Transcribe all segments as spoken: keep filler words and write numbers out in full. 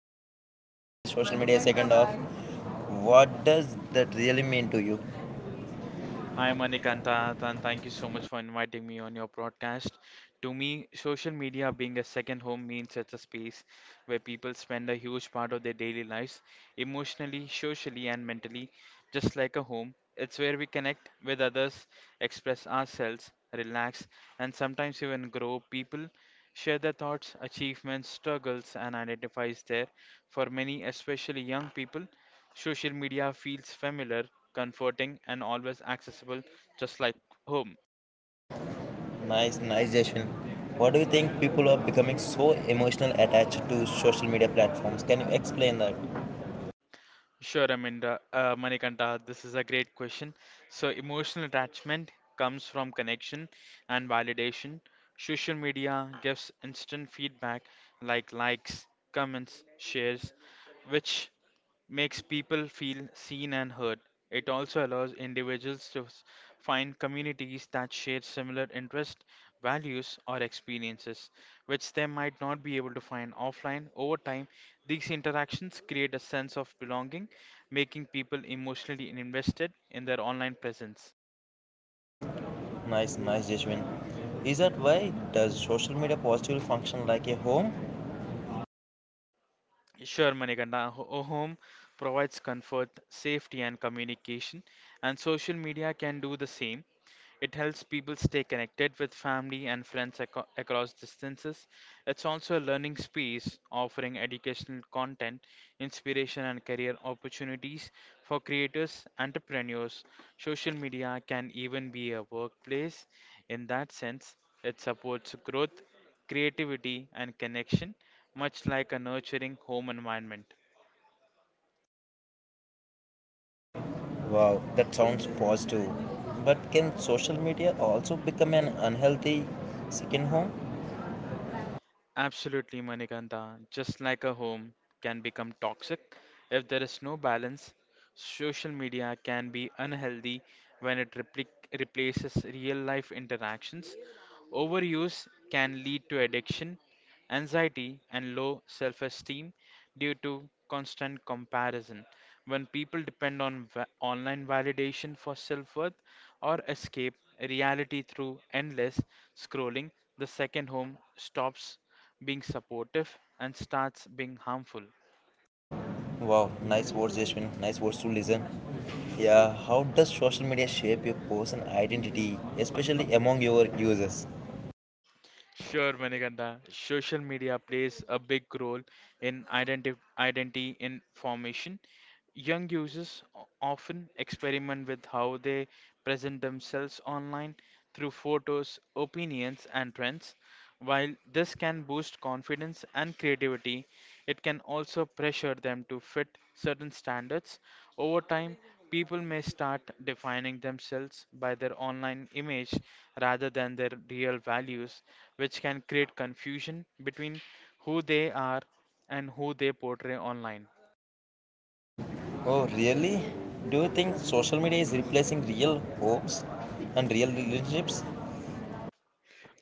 off, when we say social media second off, what does that really mean to you? Hi Manikanta, and thank you so much for inviting me on your broadcast. To me, social media being a second home means it's a space where people spend a huge part of their daily lives, emotionally, socially, and mentally, just like a home. It's where we connect with others, express ourselves, relax, and sometimes even grow. People share their thoughts, achievements, struggles, and identifies there. For many, especially young people, social media feels familiar, comforting, and always accessible, just like home. Nice, nice Jashwin. What do you think people are becoming so emotional attached to social media platforms? Can you explain that? Sure, Amanda, uh, Manikanta, this is a great question. So, emotional attachment comes from connection and validation. Social media gives instant feedback like likes, comments, shares, which makes people feel seen and heard. It also allows individuals to s- find communities that share similar interests, values, or experiences, which they might not be able to find offline. Over time, these interactions create a sense of belonging, making people emotionally invested in their online presence. Nice, nice Jashwin. Is that why does social media positively function like a home? Sure, Manikanda. ho- A home provides comfort, safety, and communication, and social media can do the same. It helps people stay connected with family and friends aco- across distances. It's also a learning space offering educational content, inspiration, and career opportunities for creators, entrepreneurs. Social media can even be a workplace. In that sense, it supports growth, creativity, and connection, much like a nurturing home environment. Wow, that sounds positive. But can social media also become an unhealthy second home? Absolutely, Manikanta. Just like a home can become toxic if there is no balance, social media can be unhealthy when it repli replaces real life interactions. Overuse can lead to addiction, anxiety, and low self esteem due to constant comparison. When people depend on va- online validation for self worth or escape reality through endless scrolling, the second home stops being supportive and starts being harmful. Wow, nice words, Yashwin. Nice words to listen. Yeah, how does social media shape your personal identity, especially among your users? Sure, Manikanta. Social media plays a big role in identi- identity in formation. Young users o- often experiment with how they present themselves online through photos, opinions, and trends. While this can boost confidence and creativity, it can also pressure them to fit certain standards. Over time, people may start defining themselves by their online image rather than their real values, which can create confusion between who they are and who they portray online. Oh, really? Do you think social media is replacing real hopes and real relationships?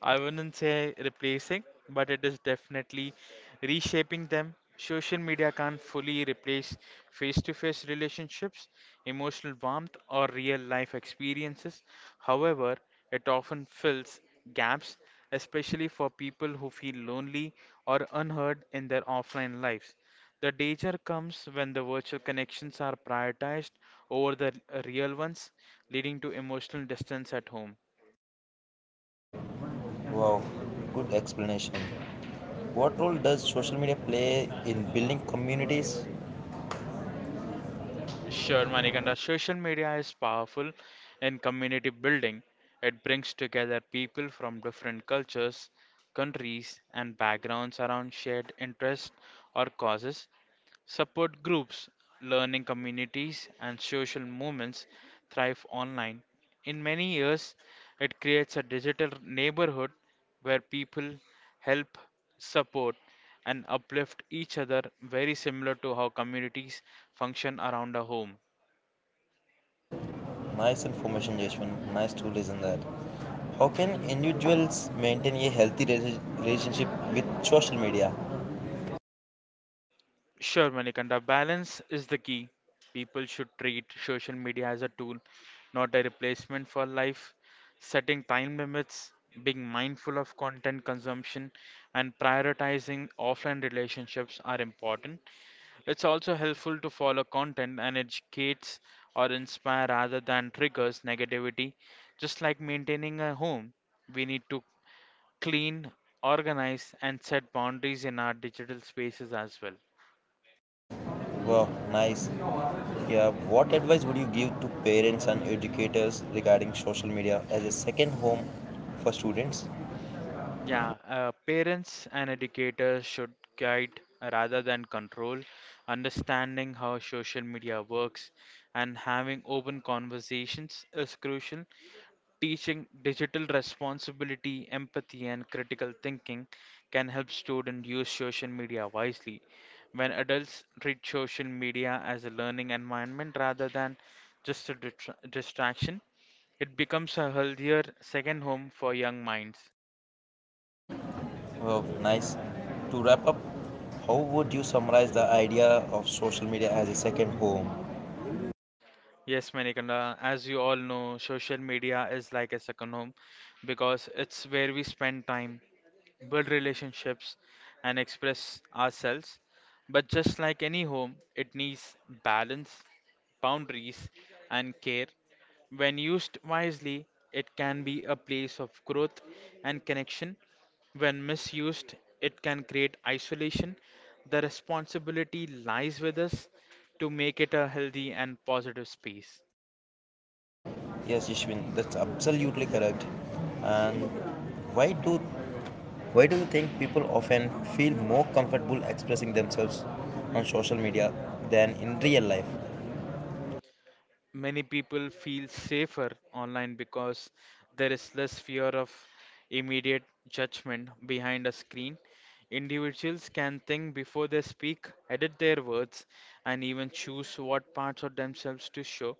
I wouldn't say replacing, but it is definitely reshaping them. Social media can't fully replace face to face relationships, emotional warmth, or real life experiences. However, it often fills gaps, especially for people who feel lonely or unheard in their offline lives. The danger comes when the virtual connections are prioritized over the uh, real ones, leading to emotional distance at home. Wow, good explanation. What role does social media play in building communities? Sure, Manikanda. Social media is powerful in community building. It brings together people from different cultures, countries, and backgrounds around shared interests or causes. Support groups, learning communities, and social movements thrive online. In many years, it creates a digital neighborhood where people help, support, and uplift each other, very similar to how communities function around a home. Nice information, Yashwin. Nice to listen that. How can individuals maintain a healthy rela- relationship with social media? Sure, Manikanda, balance is the key. People should treat social media as a tool, not a replacement for life. Setting time limits, being mindful of content consumption, and prioritizing offline relationships are important. It's also helpful to follow content and educates or inspire rather than triggers negativity. Just like maintaining a home, we need to clean, organize, and set boundaries in our digital spaces as well. Wow, nice. Yeah, what advice would you give to parents and educators regarding social media as a second home for students? Yeah, uh, parents and educators should guide rather than control, understanding how social media works and having open conversations is crucial. Teaching digital responsibility, empathy, and critical thinking can help students use social media wisely. When adults treat social media as a learning environment rather than just a distra- distraction, it becomes a healthier second home for young minds. Wow, nice. To wrap up, how would you summarize the idea of social media as a second home? Yes, Manikanda, as you all know, social media is like a second home because it's where we spend time, build relationships, and express ourselves. But just like any home, it needs balance, boundaries, and care. When used wisely, it can be a place of growth and connection. When misused, it can create isolation. The responsibility lies with us to make it a healthy and positive space. Yes, Ishwin, that's absolutely correct. And why do why do you think people often feel more comfortable expressing themselves on social media than in real life? Many people feel safer online because there is less fear of immediate judgment behind a screen. Individuals can think before they speak, edit their words, and even choose what parts of themselves to show.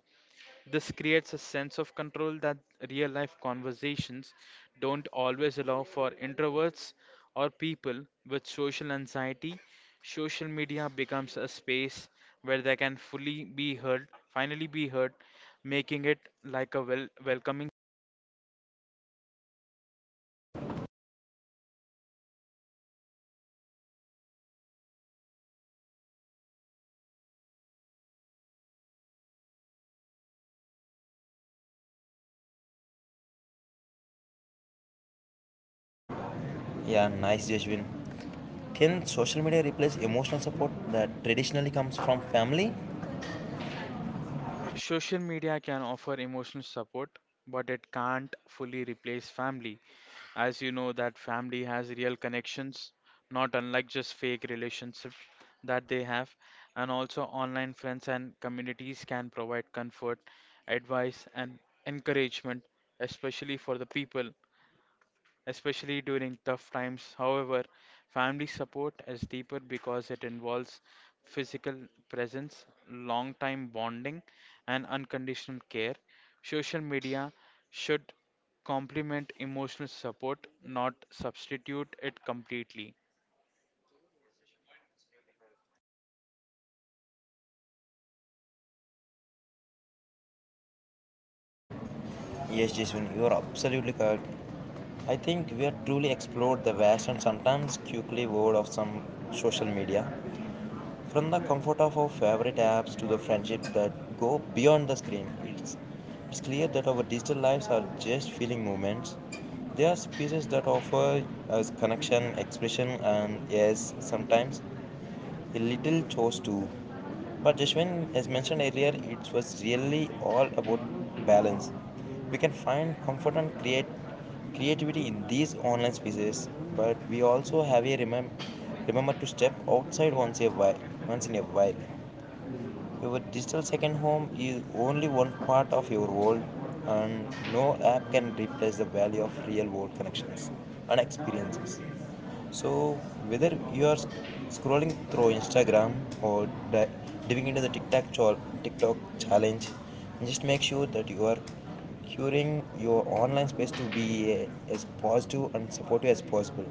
This creates a sense of control that real life conversations don't always allow for introverts or people with social anxiety. Social media becomes a space where they can fully be heard, finally be heard, making it like a wel- welcoming Yeah, nice, Jeshwin. Can social media replace emotional support that traditionally comes from family? Social media can offer emotional support, but it can't fully replace family. As you know, that family has real connections, not unlike just fake relationship that they have. And also, online friends and communities can provide comfort, advice, and encouragement, especially for the people especially during tough times. However, family support is deeper because it involves physical presence, long time bonding, and unconditional care. Social media should complement emotional support, not substitute it completely. Yes, Jason, you are absolutely correct. I think we have truly explored the vast and sometimes quickly world of some social media. From the comfort of our favorite apps to the friendships that go beyond the screen, it's, it's clear that our digital lives are just feeling moments. They are spaces that offer us connection, expression, and yes, sometimes a little chores too. But Jashwin, as mentioned earlier, it was really all about balance. We can find comfort and create creativity in these online spaces, but we also have a remem- remember to step outside once a while. Once in a while. Your digital second home is only one part of your world, and no app can replace the value of real world connections and experiences. So, whether you are sc- scrolling through Instagram or di- diving into the TikTok, cho- TikTok challenge, just make sure that you are curing your online space to be uh, as positive and supportive as possible.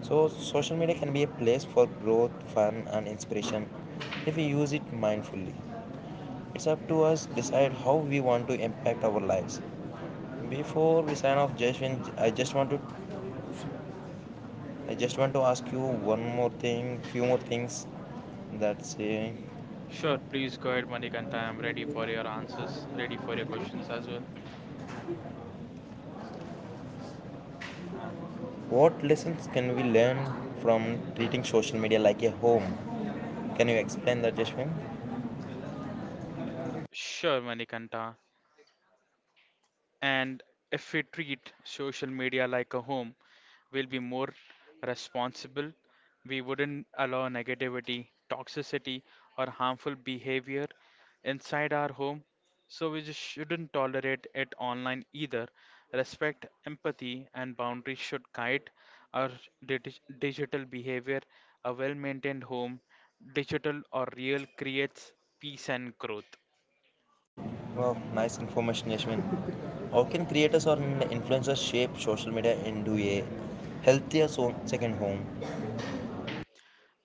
So, social media can be a place for growth, fun, and inspiration if we use it mindfully. It's up to us to decide how we want to impact our lives. Before we sign off, Jashwin, I just want to, I just want to ask you one more thing, few more things. That's uh, Sure, please go ahead, Manikanta. I'm ready for your answers, ready for your questions as well. What lessons can we learn from treating social media like a home? Can you explain that, Jashwin? Sure, Manikanta. And if we treat social media like a home, we'll be more responsible. We wouldn't allow negativity, toxicity, or harmful behavior inside our home. So we just shouldn't tolerate it online either. Respect, empathy, and boundaries should guide our digi- digital behavior. A well maintained home, digital or real, creates peace and growth. Wow, nice information, Yashmin. How can creators or influencers shape social media into a healthier so- second home?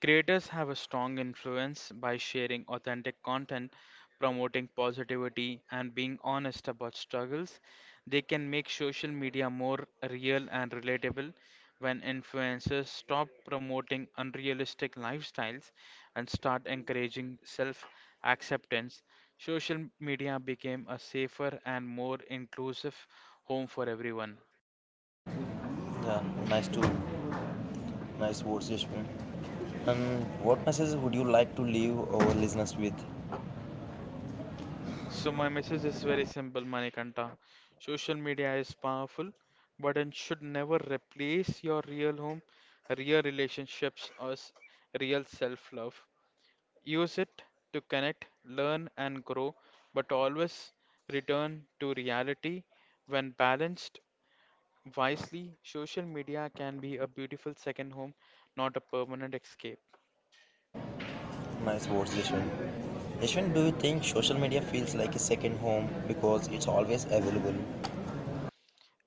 Creators have a strong influence by sharing authentic content, promoting positivity, and being honest about struggles. They can make social media more real and relatable when influencers stop promoting unrealistic lifestyles and start encouraging self acceptance. Social media became a safer and more inclusive home for everyone. Yeah, nice to nice words, Yashmin. Um, what message would you like to leave our listeners with? So my message is very simple, Manikanta. Social media is powerful, but it should never replace your real home, real relationships, or s- real self-love. Use it to connect, learn, and grow, but always return to reality. When balanced wisely, social media can be a beautiful second home, not a permanent escape. Nice words, Yashmin. Yashmin, do you think social media feels like a second home because it's always available?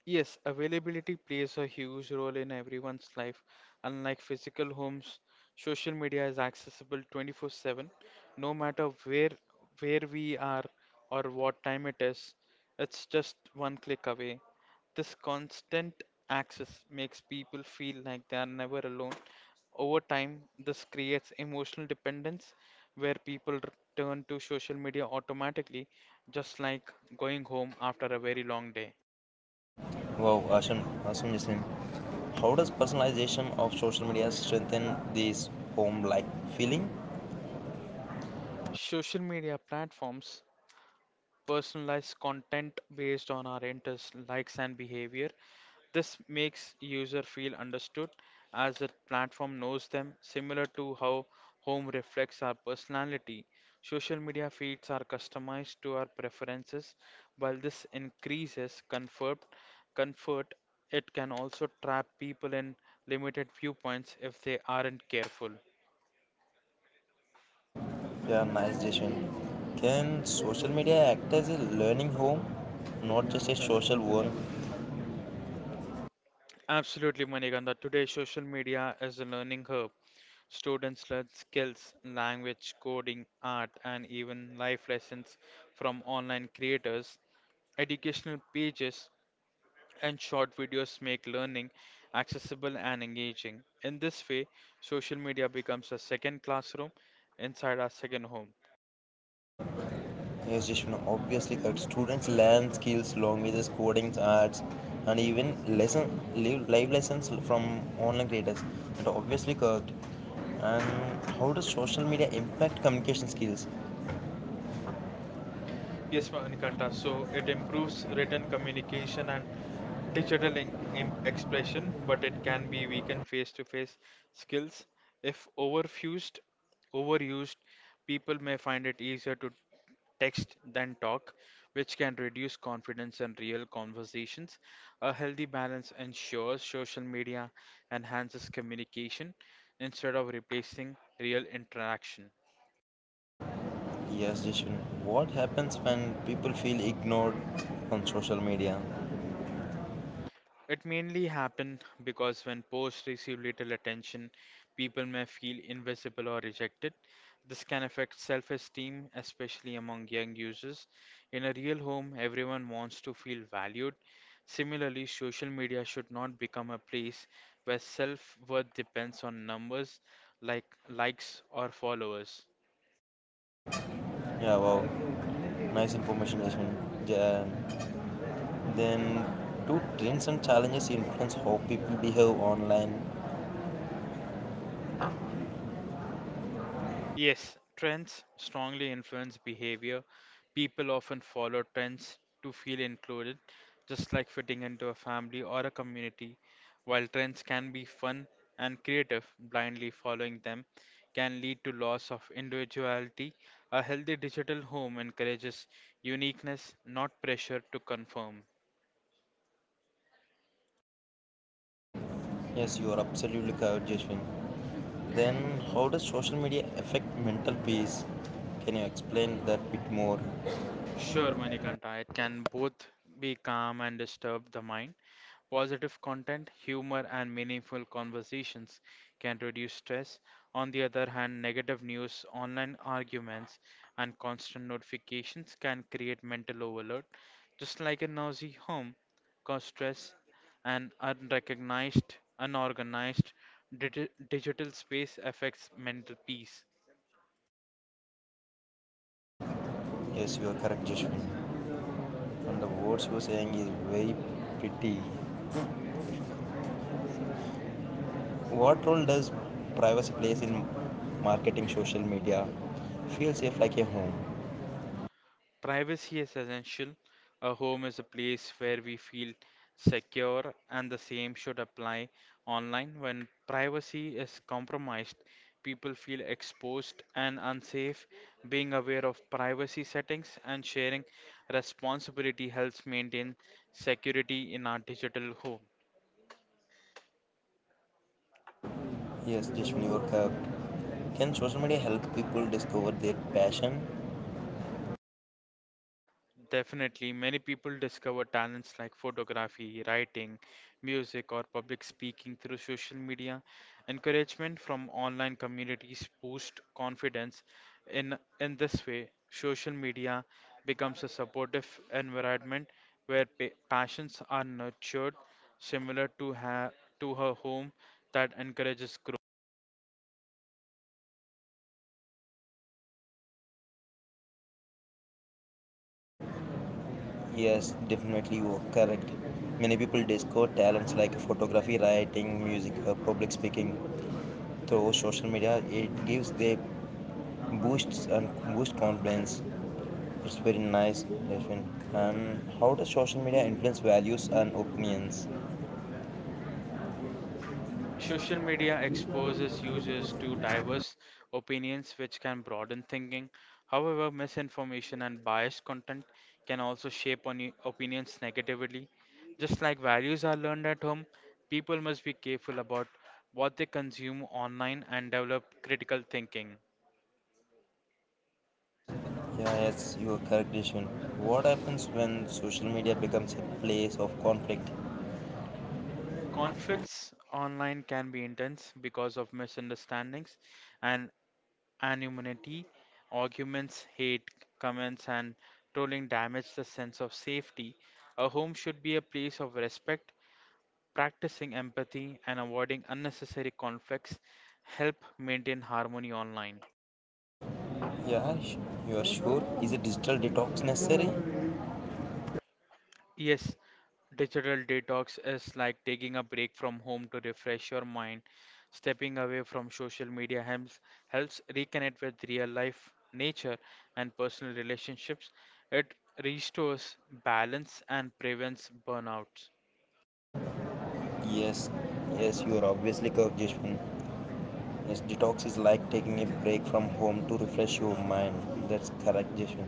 Yes, availability plays a huge role in everyone's life. Unlike physical homes, social media is accessible twenty-four seven, no matter where where we are or what time it is. It's just one click away. This constant access makes people feel like they are never alone. Over time, this creates emotional dependence where people r- turn to social media automatically, just like going home after a very long day. Wow, awesome, awesome, Yashmin. How does personalization of social media strengthen this home-like feeling? Social media platforms personalize content based on our interests, likes, and behavior. This makes user feel understood as the platform knows them, similar to how home reflects our personality. Social media feeds are customized to our preferences. While this increases comfort, comfort, it can also trap people in limited viewpoints if they aren't careful. Yeah, nice Jason. Can social media act as a learning home, not just a social one? Absolutely, Manikanda. Today, social media is a learning hub. Students learn skills, language, coding, art, and even life lessons from online creators. Educational pages and short videos make learning accessible and engaging. In this way, social media becomes a second classroom inside our second home. Yes, Jason, obviously, correct. Students learn skills, languages, coding, arts, and even lesson live, live lessons from online creators. And obviously, correct. And how does social media impact communication skills? This Yes, one factor. Manikanta. So So it it improves improves written written communication communication and and digital digital in- imp- expression, expression, but but it it can can be be weakened. weakened face-to-face skills. If overfused, overused, people may find it easier to text than talk, which can reduce confidence in real conversations. A healthy balance ensures social media enhances communication instead of replacing real interaction. Yes, Jishwin. What happens when people feel ignored on social media? It mainly happened because when posts receive little attention, people may feel invisible or rejected. This can affect self esteem, especially among young users. In a real home, everyone wants to feel valued. Similarly, social media should not become a place where self worth depends on numbers like likes or followers. Yeah, wow. Nice information, Jishwin. Yeah. Then, do trends and challenges influence how people behave online? Yes, trends strongly influence behavior. People often follow trends to feel included, just like fitting into a family or a community. While trends can be fun and creative, blindly following them can lead to loss of individuality. A healthy digital home encourages uniqueness, not pressure to conform. Yes, you are absolutely correct, Jishwin. Then, how does social media affect mental peace? Can you explain that bit more? Sure, Manikanta, it can both be calm and disturb the mind. Positive content, humor, and meaningful conversations can reduce stress. On the other hand, negative news, online arguments, and constant notifications can create mental overload. Just like a noisy home, cause stress and unrecognized, unorganized digi- digital space affects mental peace. Yes, you are correct, Jishwin. And the words you are saying is very pretty. What role does privacy plays in marketing social media? Feel safe like a home. Privacy is essential. A home is a place where we feel secure, and the same should apply online. When privacy is compromised, people feel exposed and unsafe. Being aware of privacy settings and sharing responsibility helps maintain security in our digital home. Yes, Jashwin, you are. Can social media help people discover their passion? Definitely, many people discover talents like photography, writing, music, or public speaking through social media. Encouragement from online communities boost confidence. In in this way, social media becomes a supportive environment where pa passions are nurtured, similar to ha to her home that encourages Yes, definitely you are correct. Many people discover talents like photography, writing, music, or public speaking. Through social media, it gives they boosts and boost confidence. It's very nice, Jashwin. And how does social media influence values and opinions? Social media exposes users to diverse opinions, which can broaden thinking. However, misinformation and biased content can also shape on opinions negatively. Just like values are learned at home, people must be careful about what they consume online and develop critical thinking. Yeah, yes, you are correct, Deshwan. What happens when social media becomes a place of conflict? Conflicts online can be intense because of misunderstandings and anonymity, arguments, hate, comments, and trolling damage the sense of safety. A home should be a place of respect, practicing empathy, and avoiding unnecessary conflicts help maintain harmony online. Yeah, sh- you are sure? Is a digital detox necessary? Yes, digital detox is like taking a break from home to refresh your mind. Stepping away from social media helps helps reconnect with real life, nature, and personal relationships. It restores balance and prevents burnout. Yes, yes, you are obviously correct, Deshwan. Yes, detox is like taking a break from home to refresh your mind. That's correct, Deshwan.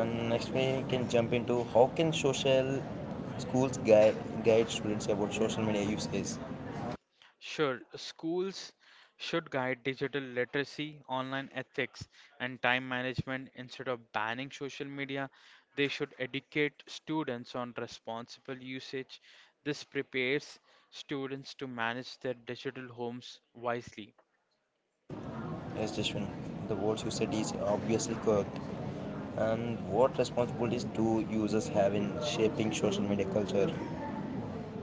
And next, we can jump into how can social schools guide, guide students about social media usage? Sure, schools should guide digital literacy, online ethics, and time management instead of banning social media. They should educate students on responsible usage. This prepares students to manage their digital homes wisely. Yes, Jashwin, the words you said is obviously correct. And what responsibilities do users have in shaping social media culture?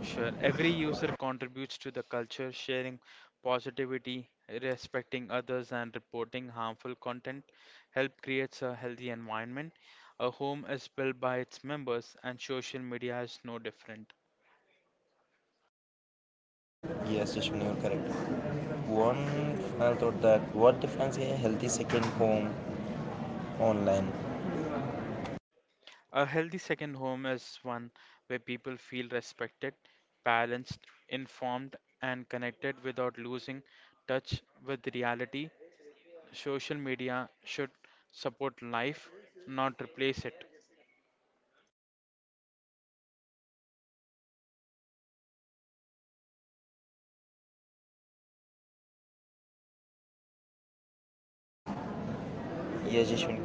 Sure, every user contributes to the culture, sharing positivity, respecting others, and reporting harmful content. Help creates a healthy environment. A home is built by its members, and social media is no different. Yes, Jashwin, you're correct. One I thought that what defines a healthy second home online? A healthy second home is one where people feel respected, balanced, informed, and connected without losing touch with reality. Social media should support life, not replace it. Yes, Jashwin,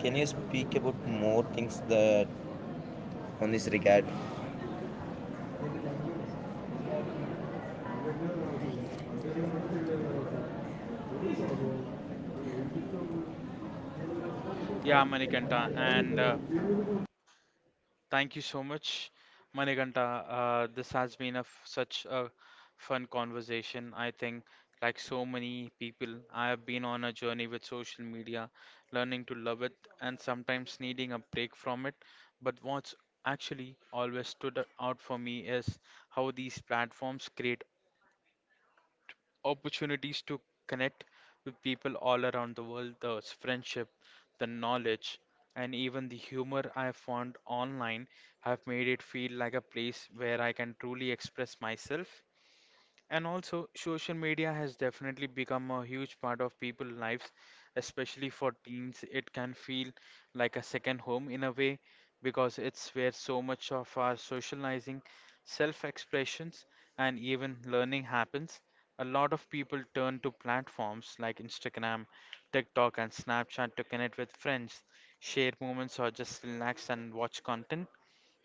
can you speak about more things that on this regard? Yeah, Manikanta, and uh, thank you so much, Manikanta. Uh, this has been a f such a fun conversation. I think, like so many people, I have been on a journey with social media, learning to love it and sometimes needing a break from it. But what's actually always stood out for me is how these platforms create opportunities to connect with people all around the world, the friendship, the knowledge, and even the humor I have found online have made it feel like a place where I can truly express myself and also, social media has definitely become a huge part of people's lives, especially for teens. It can feel like a second home in a way because it's where so much of our socializing, self-expressions, and even learning happens. A lot of people turn to platforms like Instagram, TikTok, and Snapchat to connect with friends, share moments, or just relax and watch content.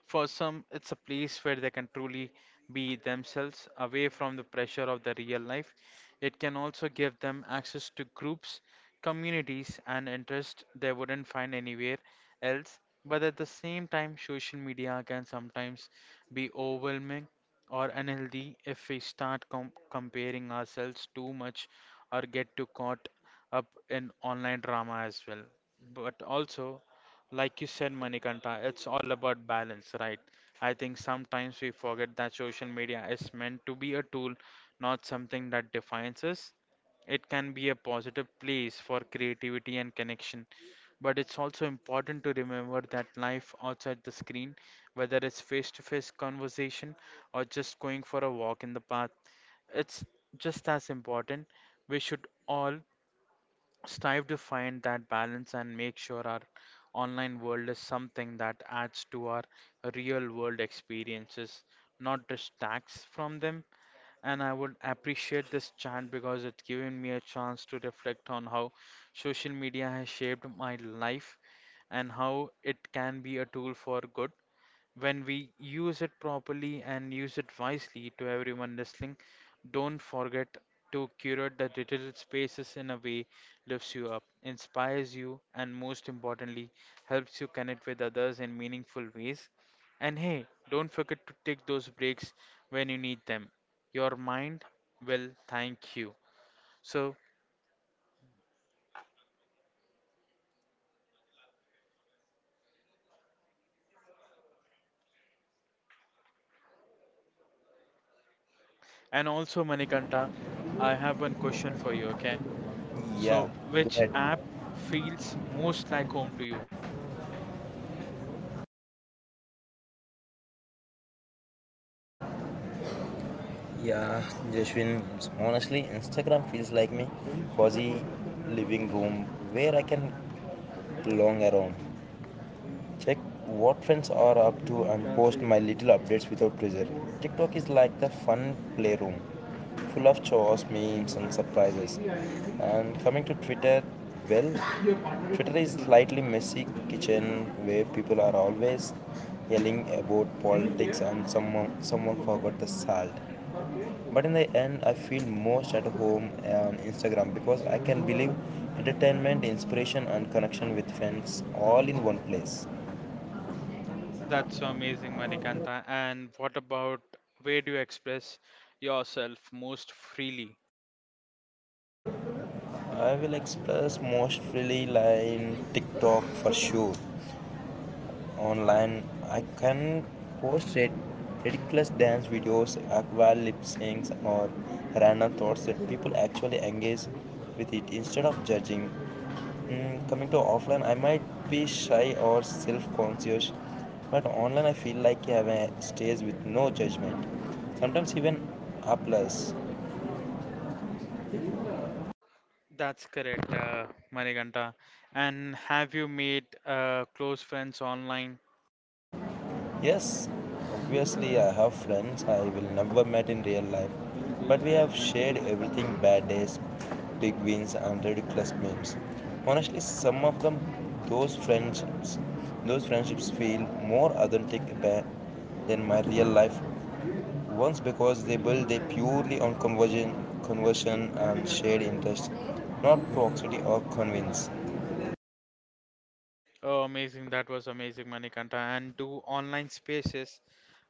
For some, it's a place where they can truly be themselves away from the pressure of the real life. It can also give them access to groups, communities, and interests they wouldn't find anywhere else. But at the same time, social media can sometimes be overwhelming or unhealthy if we start com- comparing ourselves too much or get too caught up in online drama as well. But also, like you said, Manikanta, it's all about balance, right? I think sometimes we forget that social media is meant to be a tool, not something that defines us. It can be a positive place for creativity and connection, but it's also important to remember that life outside the screen, whether it's face-to-face conversation or just going for a walk in the park, it's just as important. We should all strive to find that balance and make sure our online world is something that adds to our real world experiences, not distracts from them. And I would appreciate this chat because it's given me a chance to reflect on how social media has shaped my life and how it can be a tool for good when we use it properly and use it wisely to everyone listening, don't forget to curate the digital spaces in a way lifts you up, inspires you, and most importantly, helps you connect with others in meaningful ways. And hey, don't forget to take those breaks when you need them. Your mind will thank you. So, and also, Manikanta, I have one question for you, Okay? okay? Yeah, So, go which ahead. app feels most like home to you? Yeah, Jashwin, honestly, Instagram feels like my cozy living room where I can long around. Check what friends are up to and post my little updates without pressure. TikTok is like the fun playroom, full of chores, memes, and surprises. And coming to Twitter, well, Twitter is slightly messy kitchen where people are always yelling about politics and someone someone forgot the salt. But in the end, I feel most at home on Instagram because I can believe entertainment, inspiration, and connection with friends all in one place. That's so amazing, Manikanta. And what about where do you express yourself most freely? I will express most freely like in TikTok for sure. Online, I can post rid- ridiculous dance videos, aqua lip syncs, or random thoughts that people actually engage with it instead of judging. Mm, coming to offline, I might be shy or self-conscious, but online I feel like I have a stage with no judgment. Sometimes even applause. That's correct, uh, Manikanta. And have you made uh, close friends online? Yes, obviously I have friends I will never met in real life, but we have shared everything bad days, big wins and ridiculous memes. Honestly, some of them those friendships those friendships feel more authentic ba- than my real life ones because they build they purely on conversion conversion and shared interest, not proximity or convince. Oh, amazing. That was amazing, Manikanta. And do online spaces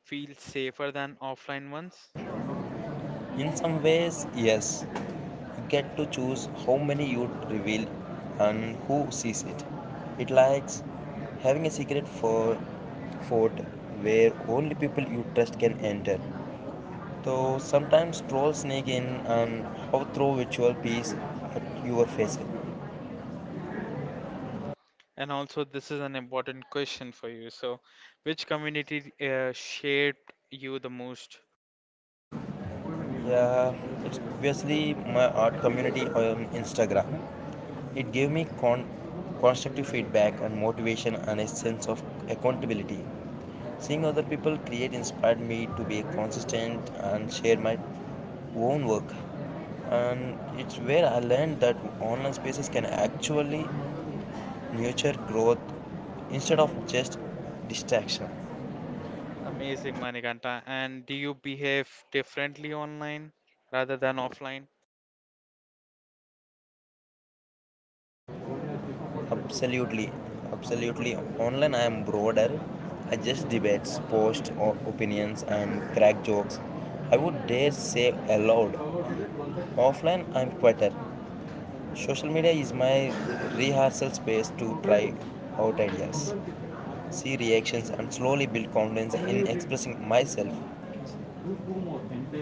feel safer than offline ones? In some ways, yes, get to choose how many you reveal and who sees it. It likes having a secret for fort where only people you trust can enter. Though sometimes trolls sneak in and throw virtual peas at your face. And also, this is an important question for you. So, which community uh, shaped you the most? Yeah, it's obviously my art community on Instagram. It gave me con- constructive feedback and motivation and a sense of accountability. Seeing other people create inspired me to be consistent and share my own work. And it's where I learned that online spaces can actually nurture growth instead of just distraction. Amazing, Manikanta. And do you behave differently online rather than offline? Absolutely, absolutely. Online, I am broader. I just debates, post o- opinions, and crack jokes. I would dare say aloud. Offline, I'm quieter. Social media is my rehearsal space to try out ideas, see reactions, and slowly build confidence in expressing myself.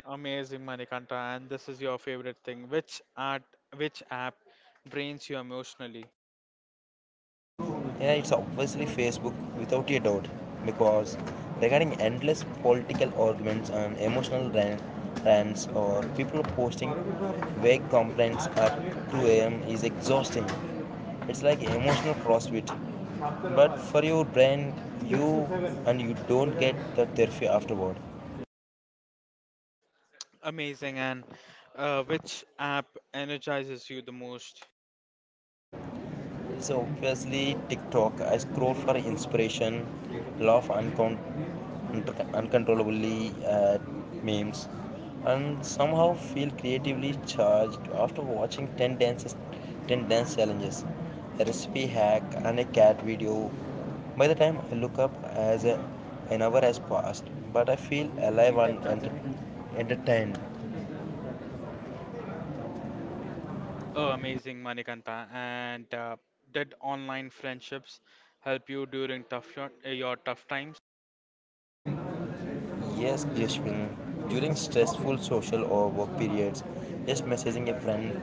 Amazing, Manikanta. And this is your favorite thing. Which art, which app drains you emotionally? Yeah, it's obviously Facebook without a doubt because regarding endless political arguments and emotional ran- rants or people posting vague complaints at two a m is exhausting. It's like emotional CrossFit. But for your brain, you and you don't get the therapy afterward. Amazing. And uh, which app energizes you the most? So obviously TikTok. I scroll for inspiration, laugh uncon- uncon- uncontrollably at memes, and somehow feel creatively charged after watching ten dances, ten dance challenges, a recipe hack, and a cat video. By the time I look up, as a, an hour has passed, but I feel alive and enter- entertained. Oh, amazing, Manikanta. And uh, did online friendships help you during tough your, uh, your tough times? Yes, Glishwin. During stressful social or work periods, just messaging a friend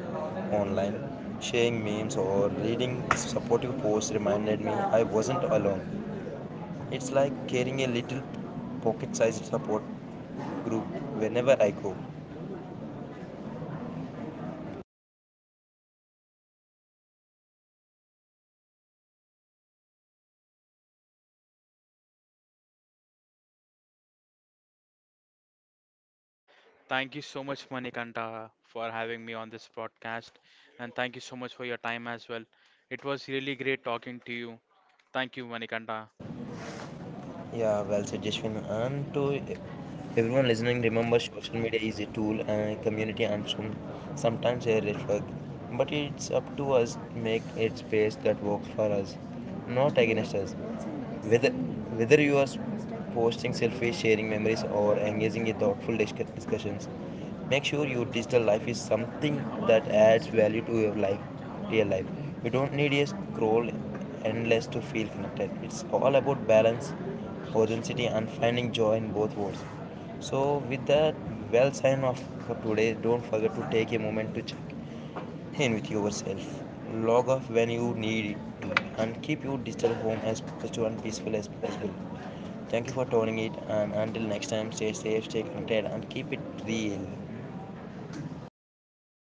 online, sharing memes, or reading supportive posts reminded me I wasn't alone. It's like carrying a little pocket sized support group whenever I go. Thank you so much, Manikanta, for having me on this podcast. And thank you so much for your time as well. It was really great talking to you. Thank you, Manikanta. Yeah, well said, Jashwin. And to everyone listening, remember social media is a tool and a community and some, sometimes a reflect. But it's up to us to make it space that works for us, not against us. Whether, whether you are s- posting selfies, sharing memories, or engaging in thoughtful discu- discussions, make sure your digital life is something that adds value to your life, real life. You don't need a scroll endless to feel connected. It's all about balance, authenticity and finding joy in both worlds. So, with that well sign off for today, don't forget to take a moment to check in with yourself. Log off when you need it to, and keep your digital home as positive and peaceful as possible. Thank you for tuning in, and until next time, stay safe, stay connected, and keep it real.